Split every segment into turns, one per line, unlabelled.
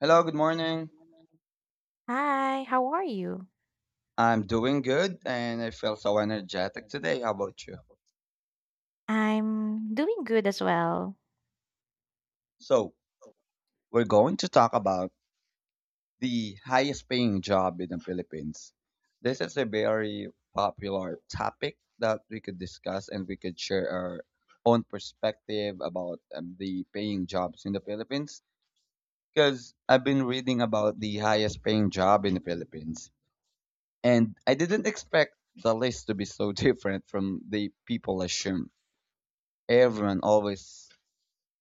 Hello, good morning.
Hi, how are you?
I'm doing good and I feel so energetic today. How about you?
I'm doing good as well.
So, we're going to talk about the highest paying job in the Philippines. This is a very popular topic that we could discuss and we could share our own perspective about the paying jobs in the Philippines because I've been reading about the highest paying job in the Philippines and I didn't expect the list to be so different from the people assume everyone always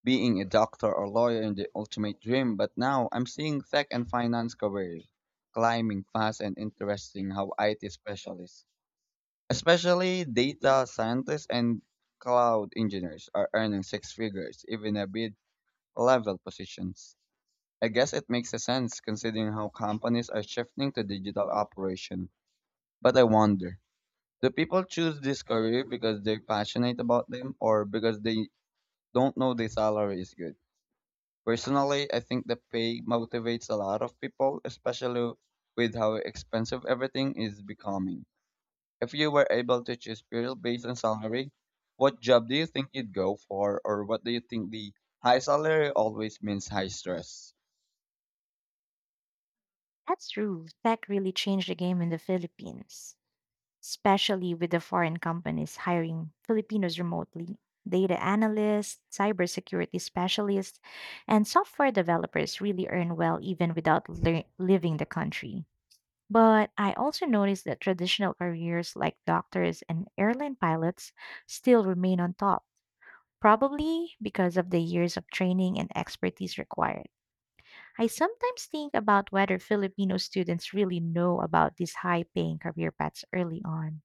being a doctor or lawyer in the ultimate dream, but now I'm seeing tech and finance careers climbing fast and interesting how IT specialists, especially data scientists and cloud engineers, are earning six figures, even at mid level positions. I guess it makes a sense considering how companies are shifting to digital operation. But I wonder, do people choose this career because they're passionate about them or because they don't know the salary is good? Personally, I think the pay motivates a lot of people, especially with how expensive everything is becoming. If you were able to choose purely based on salary, what job do you think you'd go for, or what do you think the high salary always means high stress?
That's true. Tech really changed the game in the Philippines, especially with the foreign companies hiring Filipinos remotely. Data analysts, cybersecurity specialists, and software developers really earn well even without leaving the country. But I also noticed that traditional careers like doctors and airline pilots still remain on top, probably because of the years of training and expertise required. I sometimes think about whether Filipino students really know about these high paying career paths early on,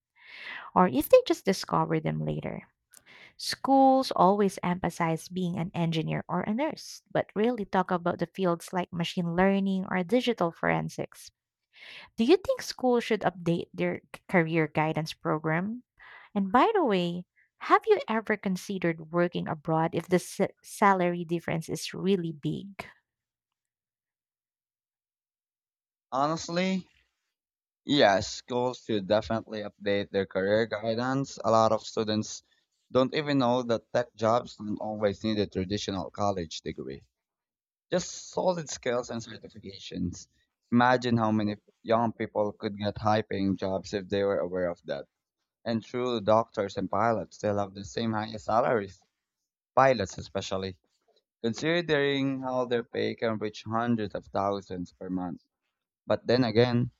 or if they just discover them later. Schools always emphasize being an engineer or a nurse, but rarely talk about the fields like machine learning or digital forensics. Do you think schools should update their career guidance program? And by the way, have you ever considered working abroad if the salary difference is really big?
Honestly, yes, schools should definitely update their career guidance. A lot of students don't even know that tech jobs don't always need a traditional college degree. Just solid skills and certifications. Imagine how many young people could get high paying jobs if they were aware of that. And true doctors and pilots still have the same highest salaries, pilots especially, considering how their pay can reach hundreds of thousands per month. But then again,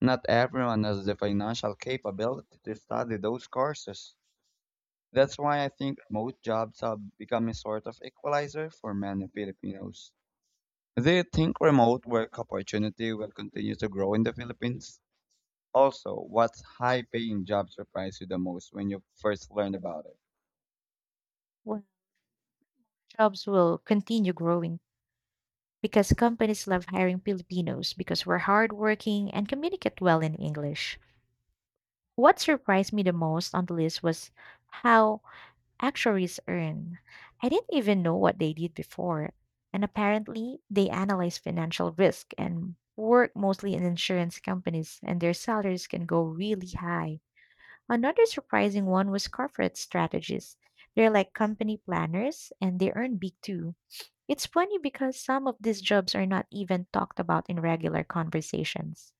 not everyone has the financial capability to study those courses. That's why I think remote jobs have become a sort of equalizer for many Filipinos. Do you think remote work opportunity will continue to grow in the Philippines? Also, what high paying job surprised you the most when you first learned about it?
Well, jobs will continue growing because companies love hiring Filipinos because we're hardworking and communicate well in English. What surprised me the most on the list was how actuaries earn. I didn't even know what they did before. And apparently, they analyze financial risk and work mostly in insurance companies, and their salaries can go really high. Another surprising one was corporate strategists. They're like company planners and they earn big too. It's funny because some of these jobs are not even talked about in regular conversations.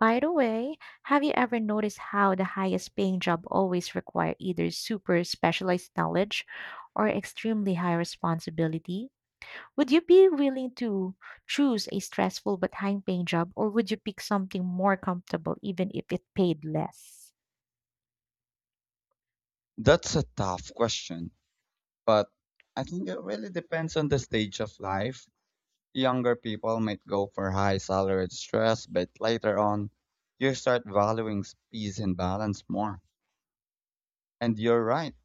By the way, have you ever noticed how the highest paying job always require either super specialized knowledge or extremely high responsibility? Would you be willing to choose a stressful but high paying job, or would you pick something more comfortable even if it paid less?
That's a tough question, but I think it really depends on the stage of life. Younger people might go for high salaried stress, but later on, you start valuing peace and balance more. And you're right,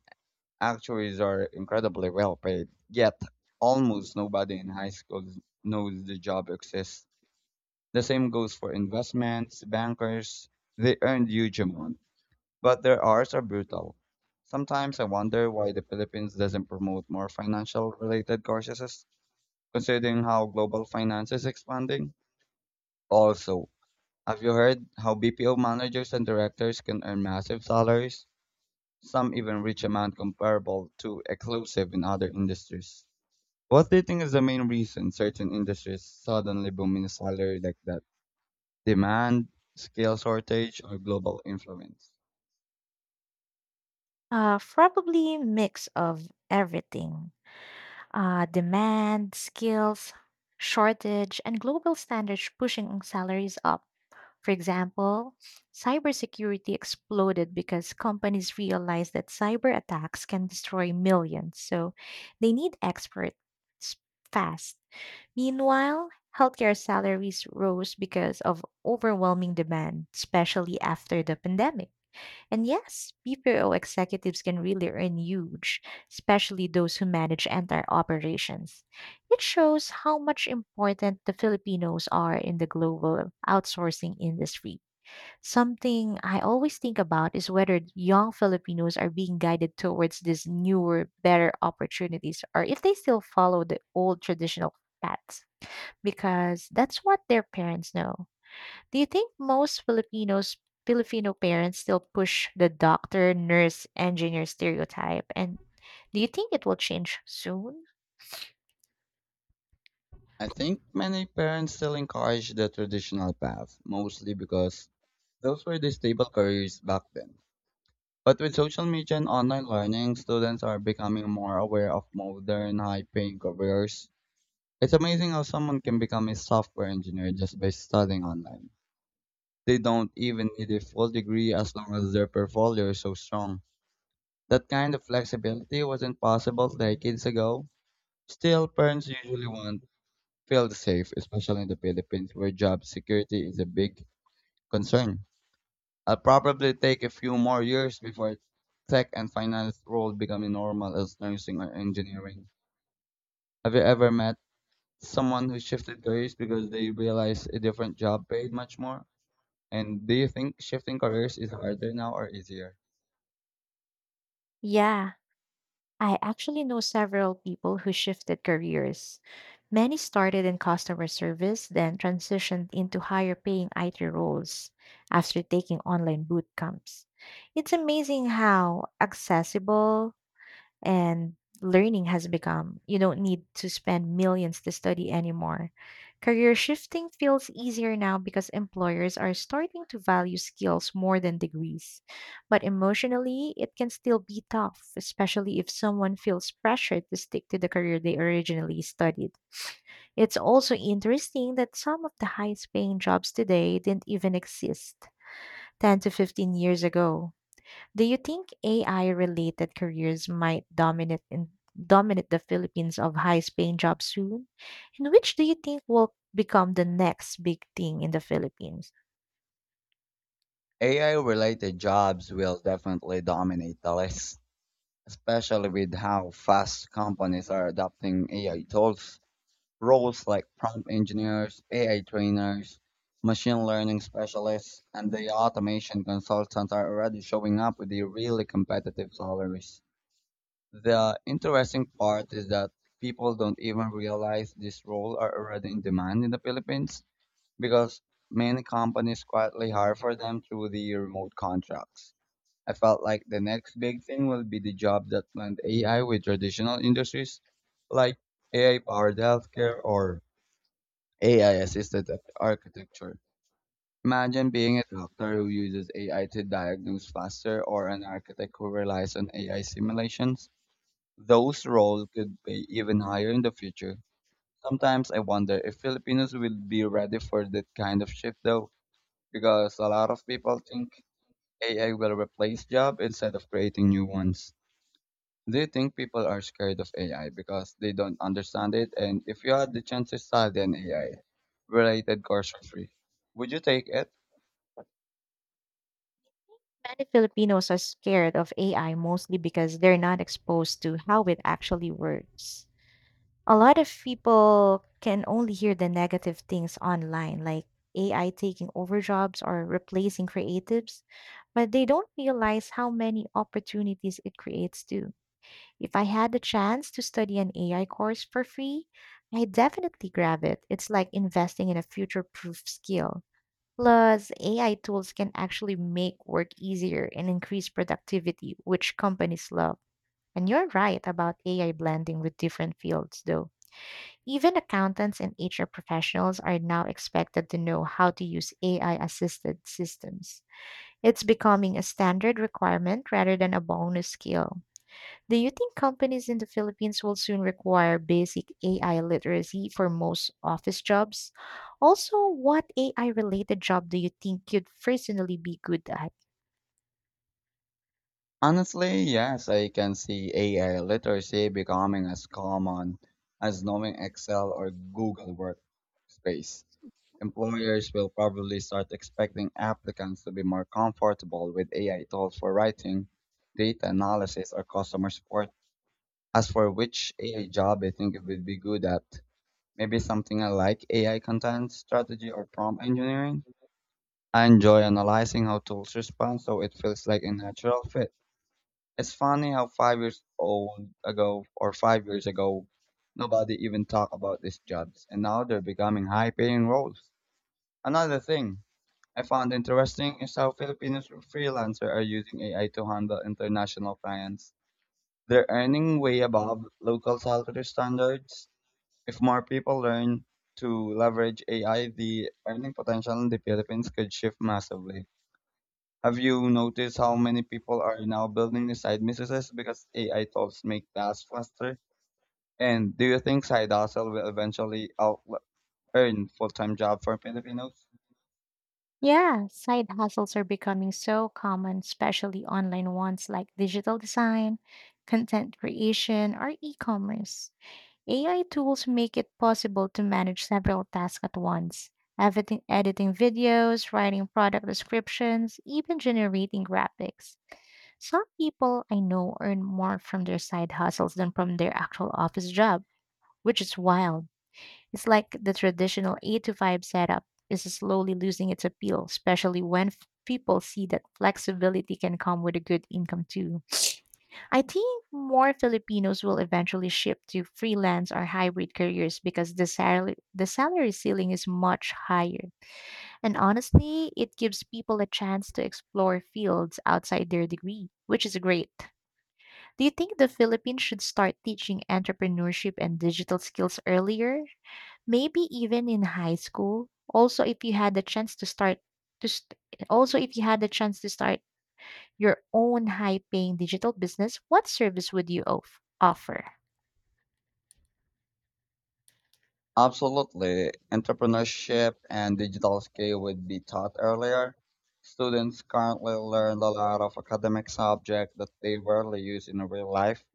actuaries are incredibly well paid, yet almost nobody in high school knows the job exists. The same goes for investments, bankers. They earn huge amount, but their hours are brutal. Sometimes I wonder why the Philippines doesn't promote more financial related courses, considering how global finance is expanding. Also, have you heard how BPO managers and directors can earn massive salaries? Some even reach amount comparable to exclusive in other industries. What do you think is the main reason certain industries suddenly boom in salary like that? Demand, skill shortage, or global influence.
Probably mix of everything. Demand, skills, shortage, and global standards pushing salaries up. For example, cybersecurity exploded because companies realized that cyber attacks can destroy millions, so they need experts fast. Meanwhile, healthcare salaries rose because of overwhelming demand, especially after the pandemic. And yes, BPO executives can really earn huge, especially those who manage entire operations. It shows how much important the Filipinos are in the global outsourcing industry. Something I always think about is whether young Filipinos are being guided towards these newer, better opportunities, or if they still follow the old traditional paths because that's what their parents know. Do you think most Filipino parents still push the doctor, nurse, engineer stereotype? And do you think it will change soon?
I think many parents still encourage the traditional path, mostly because those were the stable careers back then. But with social media and online learning, students are becoming more aware of modern, high paying careers. It's amazing how someone can become a software engineer just by studying online. They don't even need a full degree as long as their portfolio is so strong. That kind of flexibility wasn't possible decades ago. Still, parents usually want feel safe, especially in the Philippines where job security is a big concern. I'll probably take a few more years before tech and finance roles becoming normal as nursing or engineering. Have you ever met someone who shifted careers because they realized a different job paid much more? And do you think shifting careers is harder now or easier?
Yeah, I actually know several people who shifted careers. Many started in customer service, then transitioned into higher paying IT roles after taking online boot camps. It's amazing how accessible and learning has become. You don't need to spend millions to study anymore. Career shifting feels easier now because employers are starting to value skills more than degrees. But emotionally, it can still be tough, especially if someone feels pressured to stick to the career they originally studied. It's also interesting that some of the highest paying jobs today didn't even exist 10 to 15 years ago. Do you think AI related careers might dominate the Philippines of highest paying jobs soon? And which do you think will become the next big thing in the Philippines?
AI related jobs will definitely dominate the list, especially with how fast companies are adopting AI tools. Roles like prompt engineers, AI trainers, machine learning specialists, and the automation consultants are already showing up with the really competitive salaries. The interesting part is that people don't even realize these roles are already in demand in the Philippines because many companies quietly hire for them through the remote contracts. I felt like the next big thing will be the job that blend AI with traditional industries like AI powered healthcare or AI assisted architecture. Imagine being a doctor who uses AI to diagnose faster or an architect who relies on AI simulations. Those roles could be even higher in the future. Sometimes I wonder if Filipinos will be ready for that kind of shift though, because a lot of people think AI will replace jobs instead of creating new ones. Do you think people are scared of AI because they don't understand it? And if you had the chance to study an AI related course for free, would you take it?
Many Filipinos are scared of AI mostly because they're not exposed to how it actually works. A lot of people can only hear the negative things online, like AI taking over jobs or replacing creatives, but they don't realize how many opportunities it creates too. If I had the chance to study an AI course for free, I'd definitely grab it. It's like investing in a future proof skill. Plus, AI tools can actually make work easier and increase productivity, which companies love. And you're right about AI blending with different fields, though. Even accountants and HR professionals are now expected to know how to use AI assisted systems. It's becoming a standard requirement rather than a bonus skill. Do you think companies in the Philippines will soon require basic AI literacy for most office jobs? Also, what AI related job do you think you'd personally be good at?
Honestly, yes, I can see AI literacy becoming as common as knowing Excel or Google Workspace. Employers will probably start expecting applicants to be more comfortable with AI tools for writing, data analysis, or customer support. As for which AI job I think it would be good at, maybe something I like AI content strategy or prompt engineering. I enjoy analyzing how tools respond so it feels like a natural fit. It's funny how 5 years old ago or 5 years ago, nobody even talked about these jobs and now they're becoming high paying roles. Another thing I found interesting is how Filipinos freelancers are using AI to handle international clients. They're earning way above local salary standards if more people learn to leverage AI, the earning potential in the Philippines could shift massively. Have you noticed how many people are now building new side businesses because AI tools make tasks faster? And do you think side hustle will eventually out earn full time job for Filipinos?
Yeah, side hustles are becoming so common, especially online ones like digital design, content creation, or e commerce. AI tools make it possible to manage several tasks at once. Editing videos, writing product descriptions, even generating graphics. Some people I know earn more from their side hustles than from their actual office job, which is wild. It's like the traditional 8 to 5 setup is slowly losing its appeal, especially when people see that flexibility can come with a good income too. I think more Filipinos will eventually shift to freelance or hybrid careers because the salary ceiling is much higher. And honestly, it gives people a chance to explore fields outside their degree, which is great. Do you think the Philippines should start teaching entrepreneurship and digital skills earlier? Maybe even in high school. Also, if you had the chance to start to st- also if you had the chance to start your own high-paying digital business, what service would you offer?
Absolutely. Entrepreneurship and digital skill would be taught earlier. Students currently learn a lot of academic subjects that they rarely use in real life,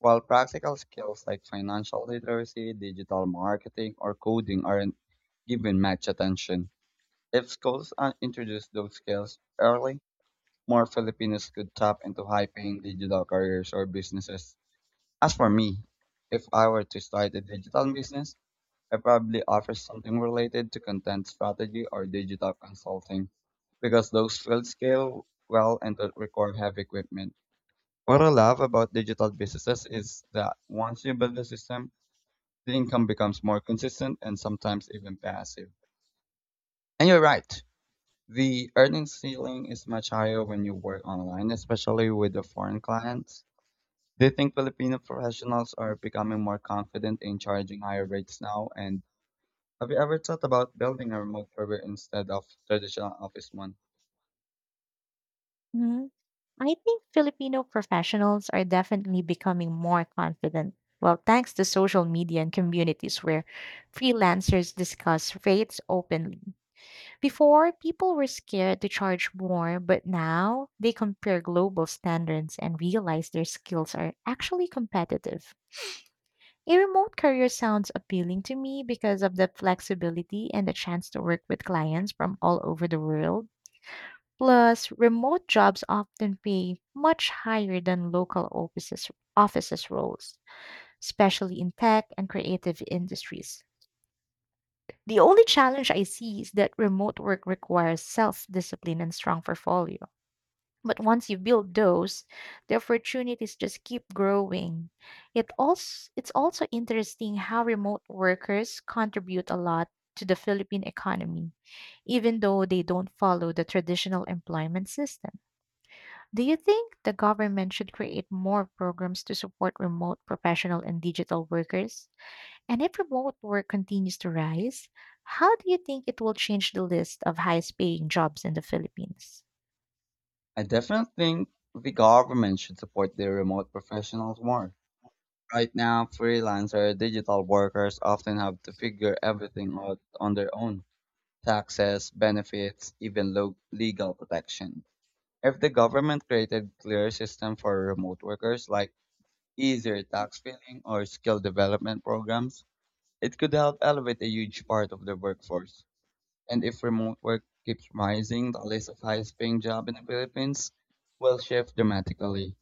while practical skills like financial literacy, digital marketing, or coding aren't given much attention. If schools introduce those skills early, more Filipinos could tap into high-paying digital careers or businesses. As for me, if I were to start a digital business, I probably offer something related to content strategy or digital consulting because those fields scale well and don't require heavy equipment. What I love about digital businesses is that once you build a system, the income becomes more consistent and sometimes even passive. And you're right, the earnings ceiling is much higher when you work online, especially with the foreign clients. Do you think Filipino professionals are becoming more confident in charging higher rates now and have you ever thought about building a remote career instead of traditional office one?
Mhm. I think Filipino professionals are definitely becoming more confident. Well, thanks to social media and communities where freelancers discuss rates openly. Before, people were scared to charge more, but now they compare global standards and realize their skills are actually competitive. A remote career sounds appealing to me because of the flexibility and the chance to work with clients from all over the world. Plus, remote jobs often pay much higher than local offices roles, especially in tech and creative industries. The only challenge I see is that remote work requires self discipline and strong portfolio. But once you build those, the opportunities just keep growing. It's also interesting how remote workers contribute a lot to the Philippine economy, even though they don't follow the traditional employment system. Do you think the government should create more programs to support remote professional and digital workers? And if remote work continues to rise, how do you think it will change the list of highest paying jobs in the Philippines?
I definitely think the government should support the remote professionals more. Right now, freelancer digital workers often have to figure everything out on their own. Taxes, benefits, even legal protection. If the government created clear system for remote workers like easier tax filing or skill development programs, it could help elevate a huge part of the workforce. And if remote work keeps rising, the list of highest paying jobs in the Philippines will shift dramatically.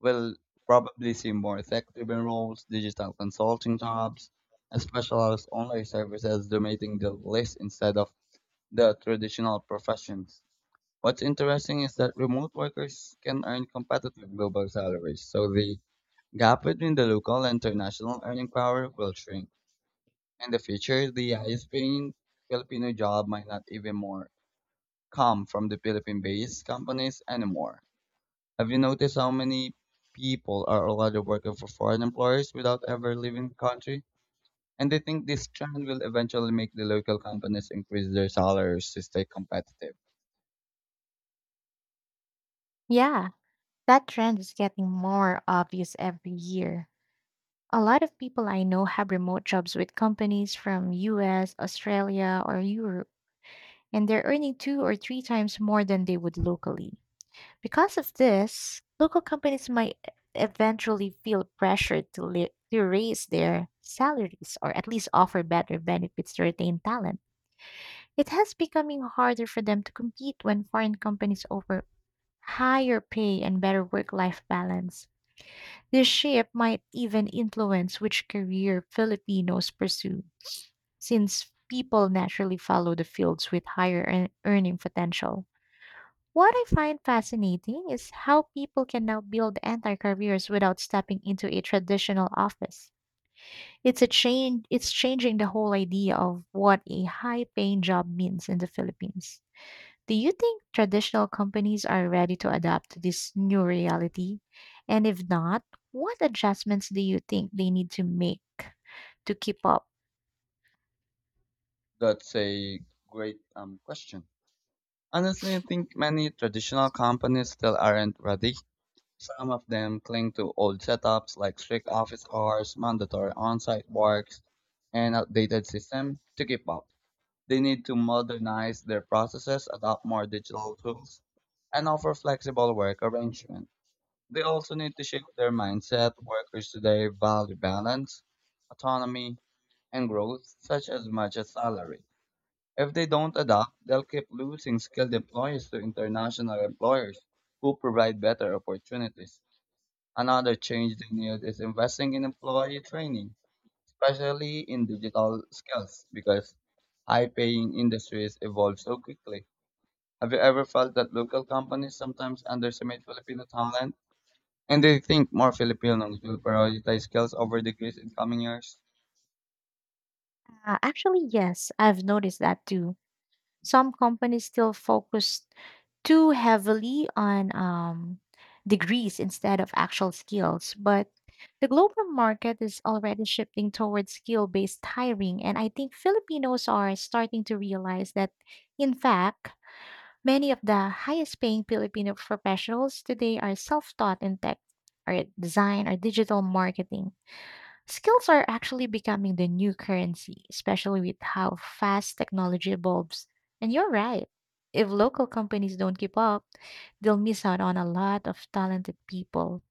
We'll probably see more effective roles, digital consulting jobs, and specialized online services dominating the list instead of the traditional professions. What's interesting is that remote workers can earn competitive global salaries, so the gap between the local and international earning power will shrink. In the future, the highest paying Filipino job might not even more come from the Philippine-based companies anymore. Have you noticed how many people are already working for foreign employers without ever leaving the country? And they think this trend will eventually make the local companies increase their salaries to stay competitive.
Yeah, that trend is getting more obvious every year. A lot of people I know have remote jobs with companies from US, Australia, or Europe, and they're earning two or three times more than they would locally. Because of this, local companies might eventually feel pressured to raise their salaries or at least offer better benefits to retain talent. It has becoming harder for them to compete when foreign companies offer higher pay and better work life balance. This shift might even influence which career Filipinos pursue, since people naturally follow the fields with higher earning potential. What I find fascinating is how people can now build entire careers without stepping into a traditional office. It's a change it's changing the whole idea of what a high paying job means in the Philippines. Do you think traditional companies are ready to adapt to this new reality? And if not, what adjustments do you think they need to make to keep up?
That's a great question. Honestly, I think many traditional companies still aren't ready. Some of them cling to old setups like strict office hours, mandatory on-site works, and outdated system to keep up. They need to modernize their processes, adopt more digital tools, and offer flexible work arrangement. They also need to shift their mindset. Workers today value balance, autonomy, and growth such as much as salary. If they don't adapt, they'll keep losing skilled employees to international employers who provide better opportunities. Another change they need is investing in employee training especially in digital skills, because high paying industries evolve so quickly. Have you ever felt that local companies sometimes underestimate Filipino talent? And they think more Filipinos will prioritize skills over degrees in coming years?
Actually, yes, I've noticed that too. Some companies still focus too heavily on degrees instead of actual skills. But the global market is already shifting towards skill based hiring. And I think Filipinos are starting to realize that, in fact, many of the highest paying Filipino professionals today are self taught in tech, or design, or digital marketing. Skills are actually becoming the new currency, especially with how fast technology evolves. And you're right. If local companies don't keep up, they'll miss out on a lot of talented people.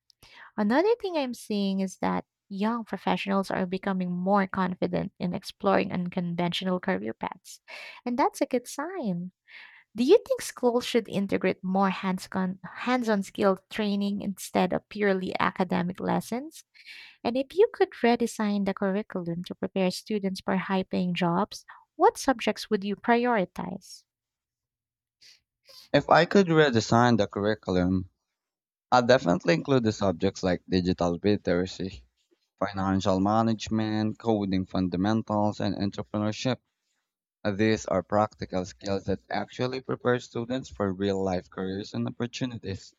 Another thing I'm seeing is that young professionals are becoming more confident in exploring unconventional career paths. And that's a good sign. Do you think schools should integrate more hands-on skill training instead of purely academic lessons? And if you could redesign the curriculum to prepare students for high-paying jobs, what subjects would you prioritize?
If I could redesign the curriculum, I'd definitely include the subjects like digital literacy, financial management, coding fundamentals, and entrepreneurship. These are practical skills that actually prepare students for real-life careers and opportunities.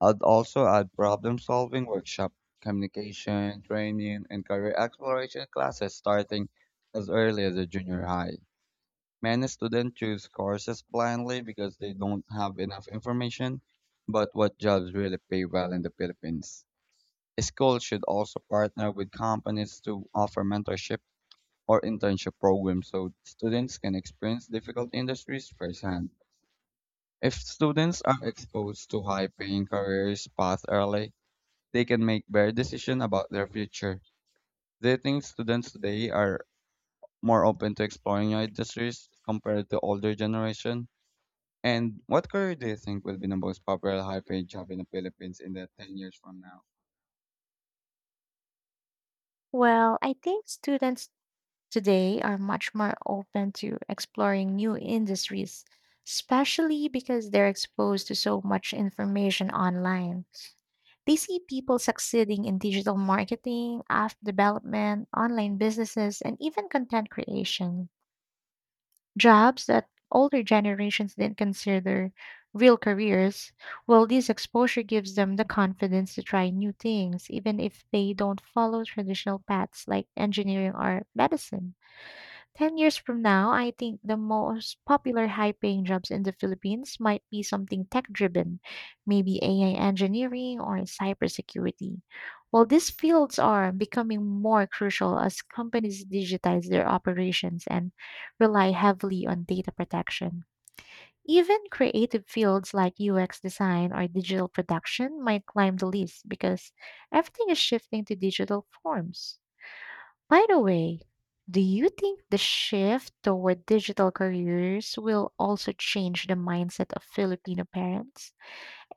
I'd also add problem-solving workshop, communication, training, and career exploration classes starting as early as a junior high. Many students choose courses blindly because they don't have enough information about what jobs really pay well in the Philippines. Schools should also partner with companies to offer mentorship or internship programs so students can experience difficult industries firsthand. If students are exposed to high paying careers path early, they can make better decisions about their future. Do you think students today are more open to exploring new industries compared to older generation? And what career do you think will be the most popular high paid job in the Philippines in the 10 years from now?
Well, I think students today are much more open to exploring new industries, especially because they're exposed to so much information online. They see people succeeding in digital marketing, app development, online businesses, and even content creation. Jobs that older generations didn't consider real careers. Well, this exposure gives them the confidence to try new things, even if they don't follow traditional paths like engineering or medicine. 10 years from now, I think the most popular high paying jobs in the Philippines might be something tech driven, maybe AI engineering or cybersecurity. Well, these fields are becoming more crucial as companies digitize their operations and rely heavily on data protection. Even creative fields like UX design or digital production might climb the list because everything is shifting to digital forms. By the way, do you think the shift toward digital careers will also change the mindset of Filipino parents?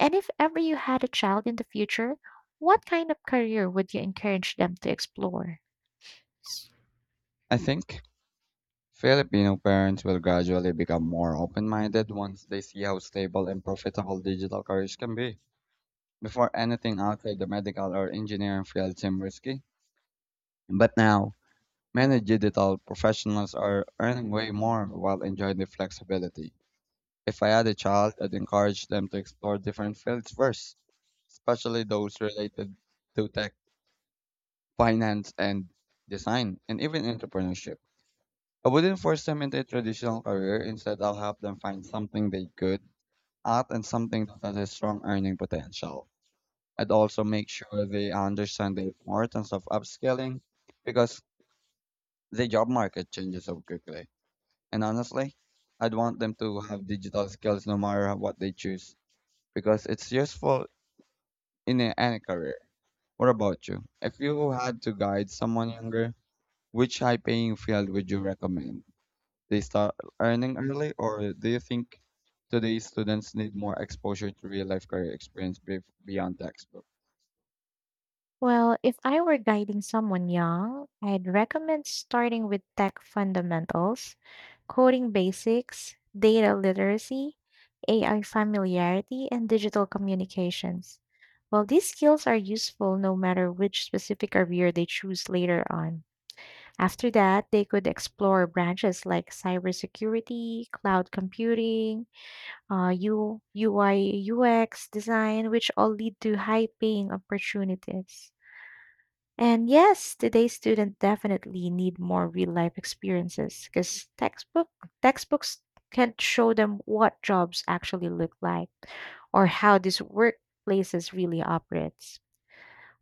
And if ever you had a child in the future, what kind of career would you encourage them to explore?
I think Filipino parents will gradually become more open minded once they see how stable and profitable digital careers can be. Before anything outside the medical or engineering field seemed risky. But now, many digital professionals are earning way more while enjoying the flexibility. If I had a child, I'd encourage them to explore different fields first, especially those related to tech, finance, and design, and even entrepreneurship. I wouldn't force them into a traditional career. Instead, I'll help them find something they good at and something that has a strong earning potential. I'd also make sure they understand the importance of upskilling because the job market changes so quickly. And honestly, I'd want them to have digital skills no matter what they choose because it's useful in any career. What about you? If you had to guide someone younger, which high paying field would you recommend? They start earning early, or do you think today's students need more exposure to real life career experience beyond textbooks?
Well, if I were guiding someone young, I'd recommend starting with tech fundamentals, coding basics, data literacy, AI familiarity, and digital communications. Well, these skills are useful no matter which specific career they choose later on. After that, they could explore branches like cybersecurity, cloud computing, UI, UX design, which all lead to high paying opportunities. And yes, today's students definitely need more real life experiences because textbooks can't show them what jobs actually look like or how these workplaces really operates.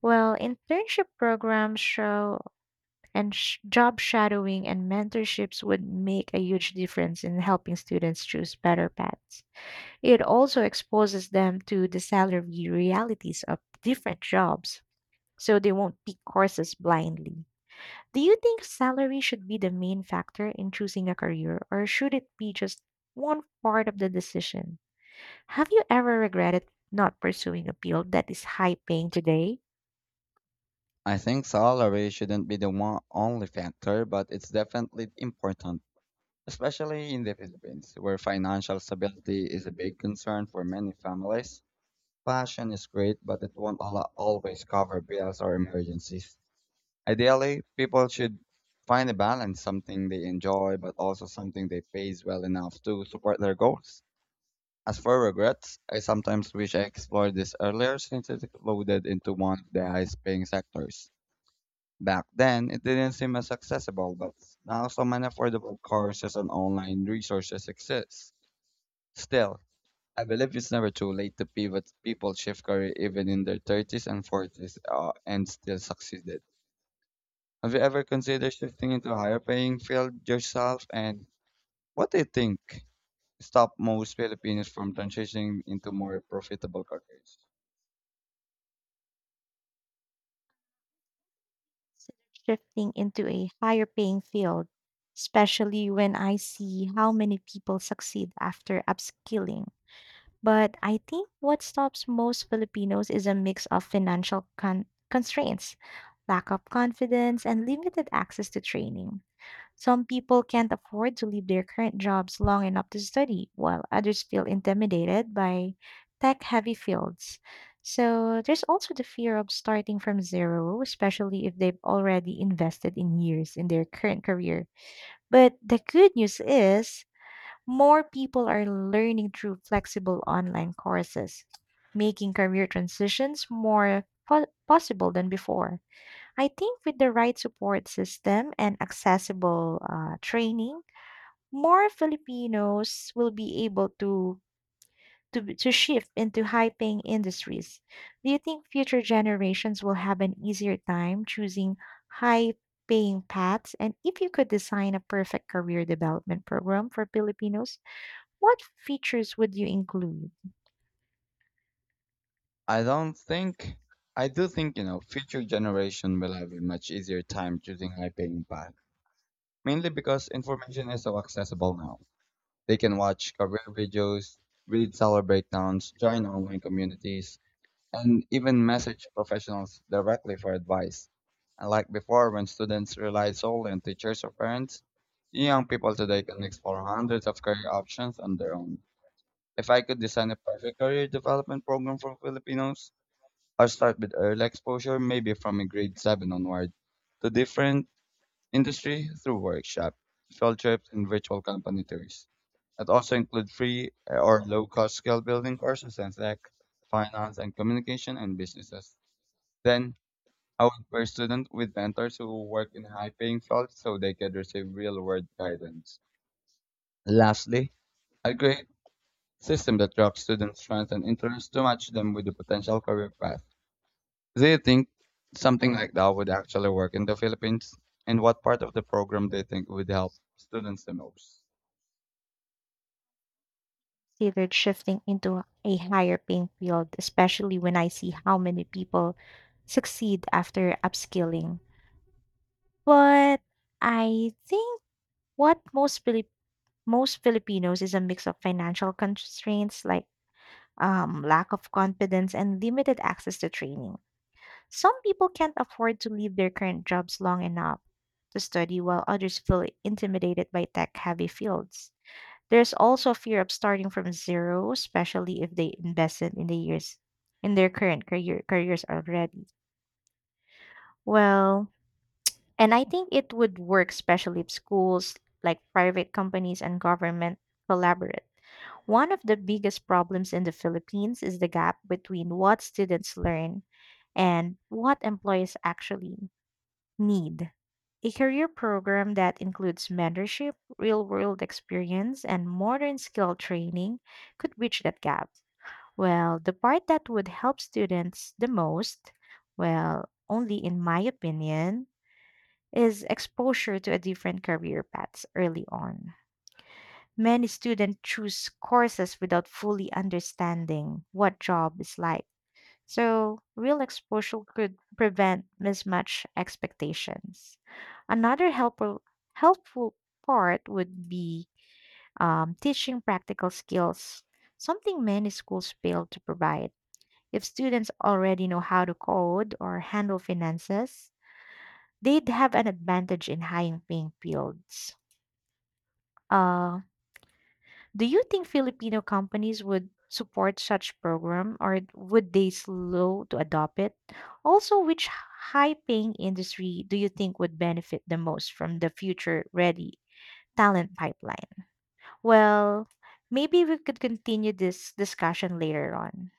Well, internship programs show and job shadowing and mentorships would make a huge difference in helping students choose better paths. It also exposes them to the salary realities of different jobs so they won't pick courses blindly. Do you think salary should be the main factor in choosing a career, or should it be just one part of the decision? Have you ever regretted not pursuing a field that is high paying today?
I think salary shouldn't be the one only factor, but it's definitely important, especially in the Philippines, where financial stability is a big concern for many families. Passion is great, but it won't always cover bills or emergencies. Ideally, people should find a balance, something they enjoy, but also something they pays well enough to support their goals. As for regrets, I sometimes wish I explored this earlier since it's loaded into one of the highest paying sectors. Back then, it didn't seem as accessible, but now so many affordable courses and online resources exist. Still, I believe it's never too late to pivot. People shift career even in their 30s and 40s and still succeeded. Have you ever considered shifting into a higher paying field yourself? And what do you think stop most Filipinos from transitioning into more profitable careers?
Instead shifting into a higher paying field, especially when I see how many people succeed after upskilling. But I think what stops most Filipinos is a mix of constraints, lack of confidence, and limited access to training. Some people can't afford to leave their current jobs long enough to study, while others feel intimidated by tech heavy fields. So there's also the fear of starting from zero, especially if they've already invested in years in their current career. But the good news is, more people are learning through flexible online courses, making career transitions more possible than before. I think with the right support system and accessible training, more Filipinos will be able to, to shift into high-paying industries. Do you think future generations will have an easier time choosing high-paying paths? And if you could design a perfect career development program for Filipinos, what features would you include?
I don't think, I do think, you know, future generation will have a much easier time choosing high paying path mainly because information is so accessible now. They can watch career videos, read seller breakdowns, join online communities, and even message professionals directly for advice. Unlike before, when students relied solely on teachers or parents, young people today can explore hundreds of career options on their own. If I could design a perfect career development program for Filipinos, I'd start with early exposure, maybe from a grade 7 onward, to different industry through workshops, field trips, and virtual company tours. It also includes free or low cost skill building courses in tech, finance, and communication and businesses. Then I would pair students with mentors who work in high paying fields so they could receive real world guidance. Lastly, a great system that tracks students' strengths and interests to match them with the potential career path. Do you think something like that would actually work in the Philippines? And what part of the program do you think would help students the most?
Considered shifting into a higher paying field, especially when I see how many people succeed after upskilling. But I think what most Filipinos is a mix of financial constraints like lack of confidence and limited access to training. Some people can't afford to leave their current jobs long enough to study, while others feel intimidated by tech heavy fields. There's also fear of starting from zero, especially if they invested in the years in their current careers already. Well, and I think it would work especially if schools like private companies and government collaborate. One of the biggest problems in the Philippines is the gap between what students learn and what employees actually need. A career program that includes mentorship, real world experience, and modern skill training could bridge that gap. Well, the part that would help students the most, well, only in my opinion, is exposure to a different career paths early on. Many students choose courses without fully understanding what job is like so, real exposure could prevent mismatched expectations. Another helpful part would be teaching practical skills, something many schools fail to provide. If students already know how to code or handle finances, they'd have an advantage in high paying fields. Uh, Do you think Filipino companies would support such program or would they slow to adopt it? Also, which high paying industry do you think would benefit the most from the future ready talent pipeline? Well, maybe we could continue this discussion later on.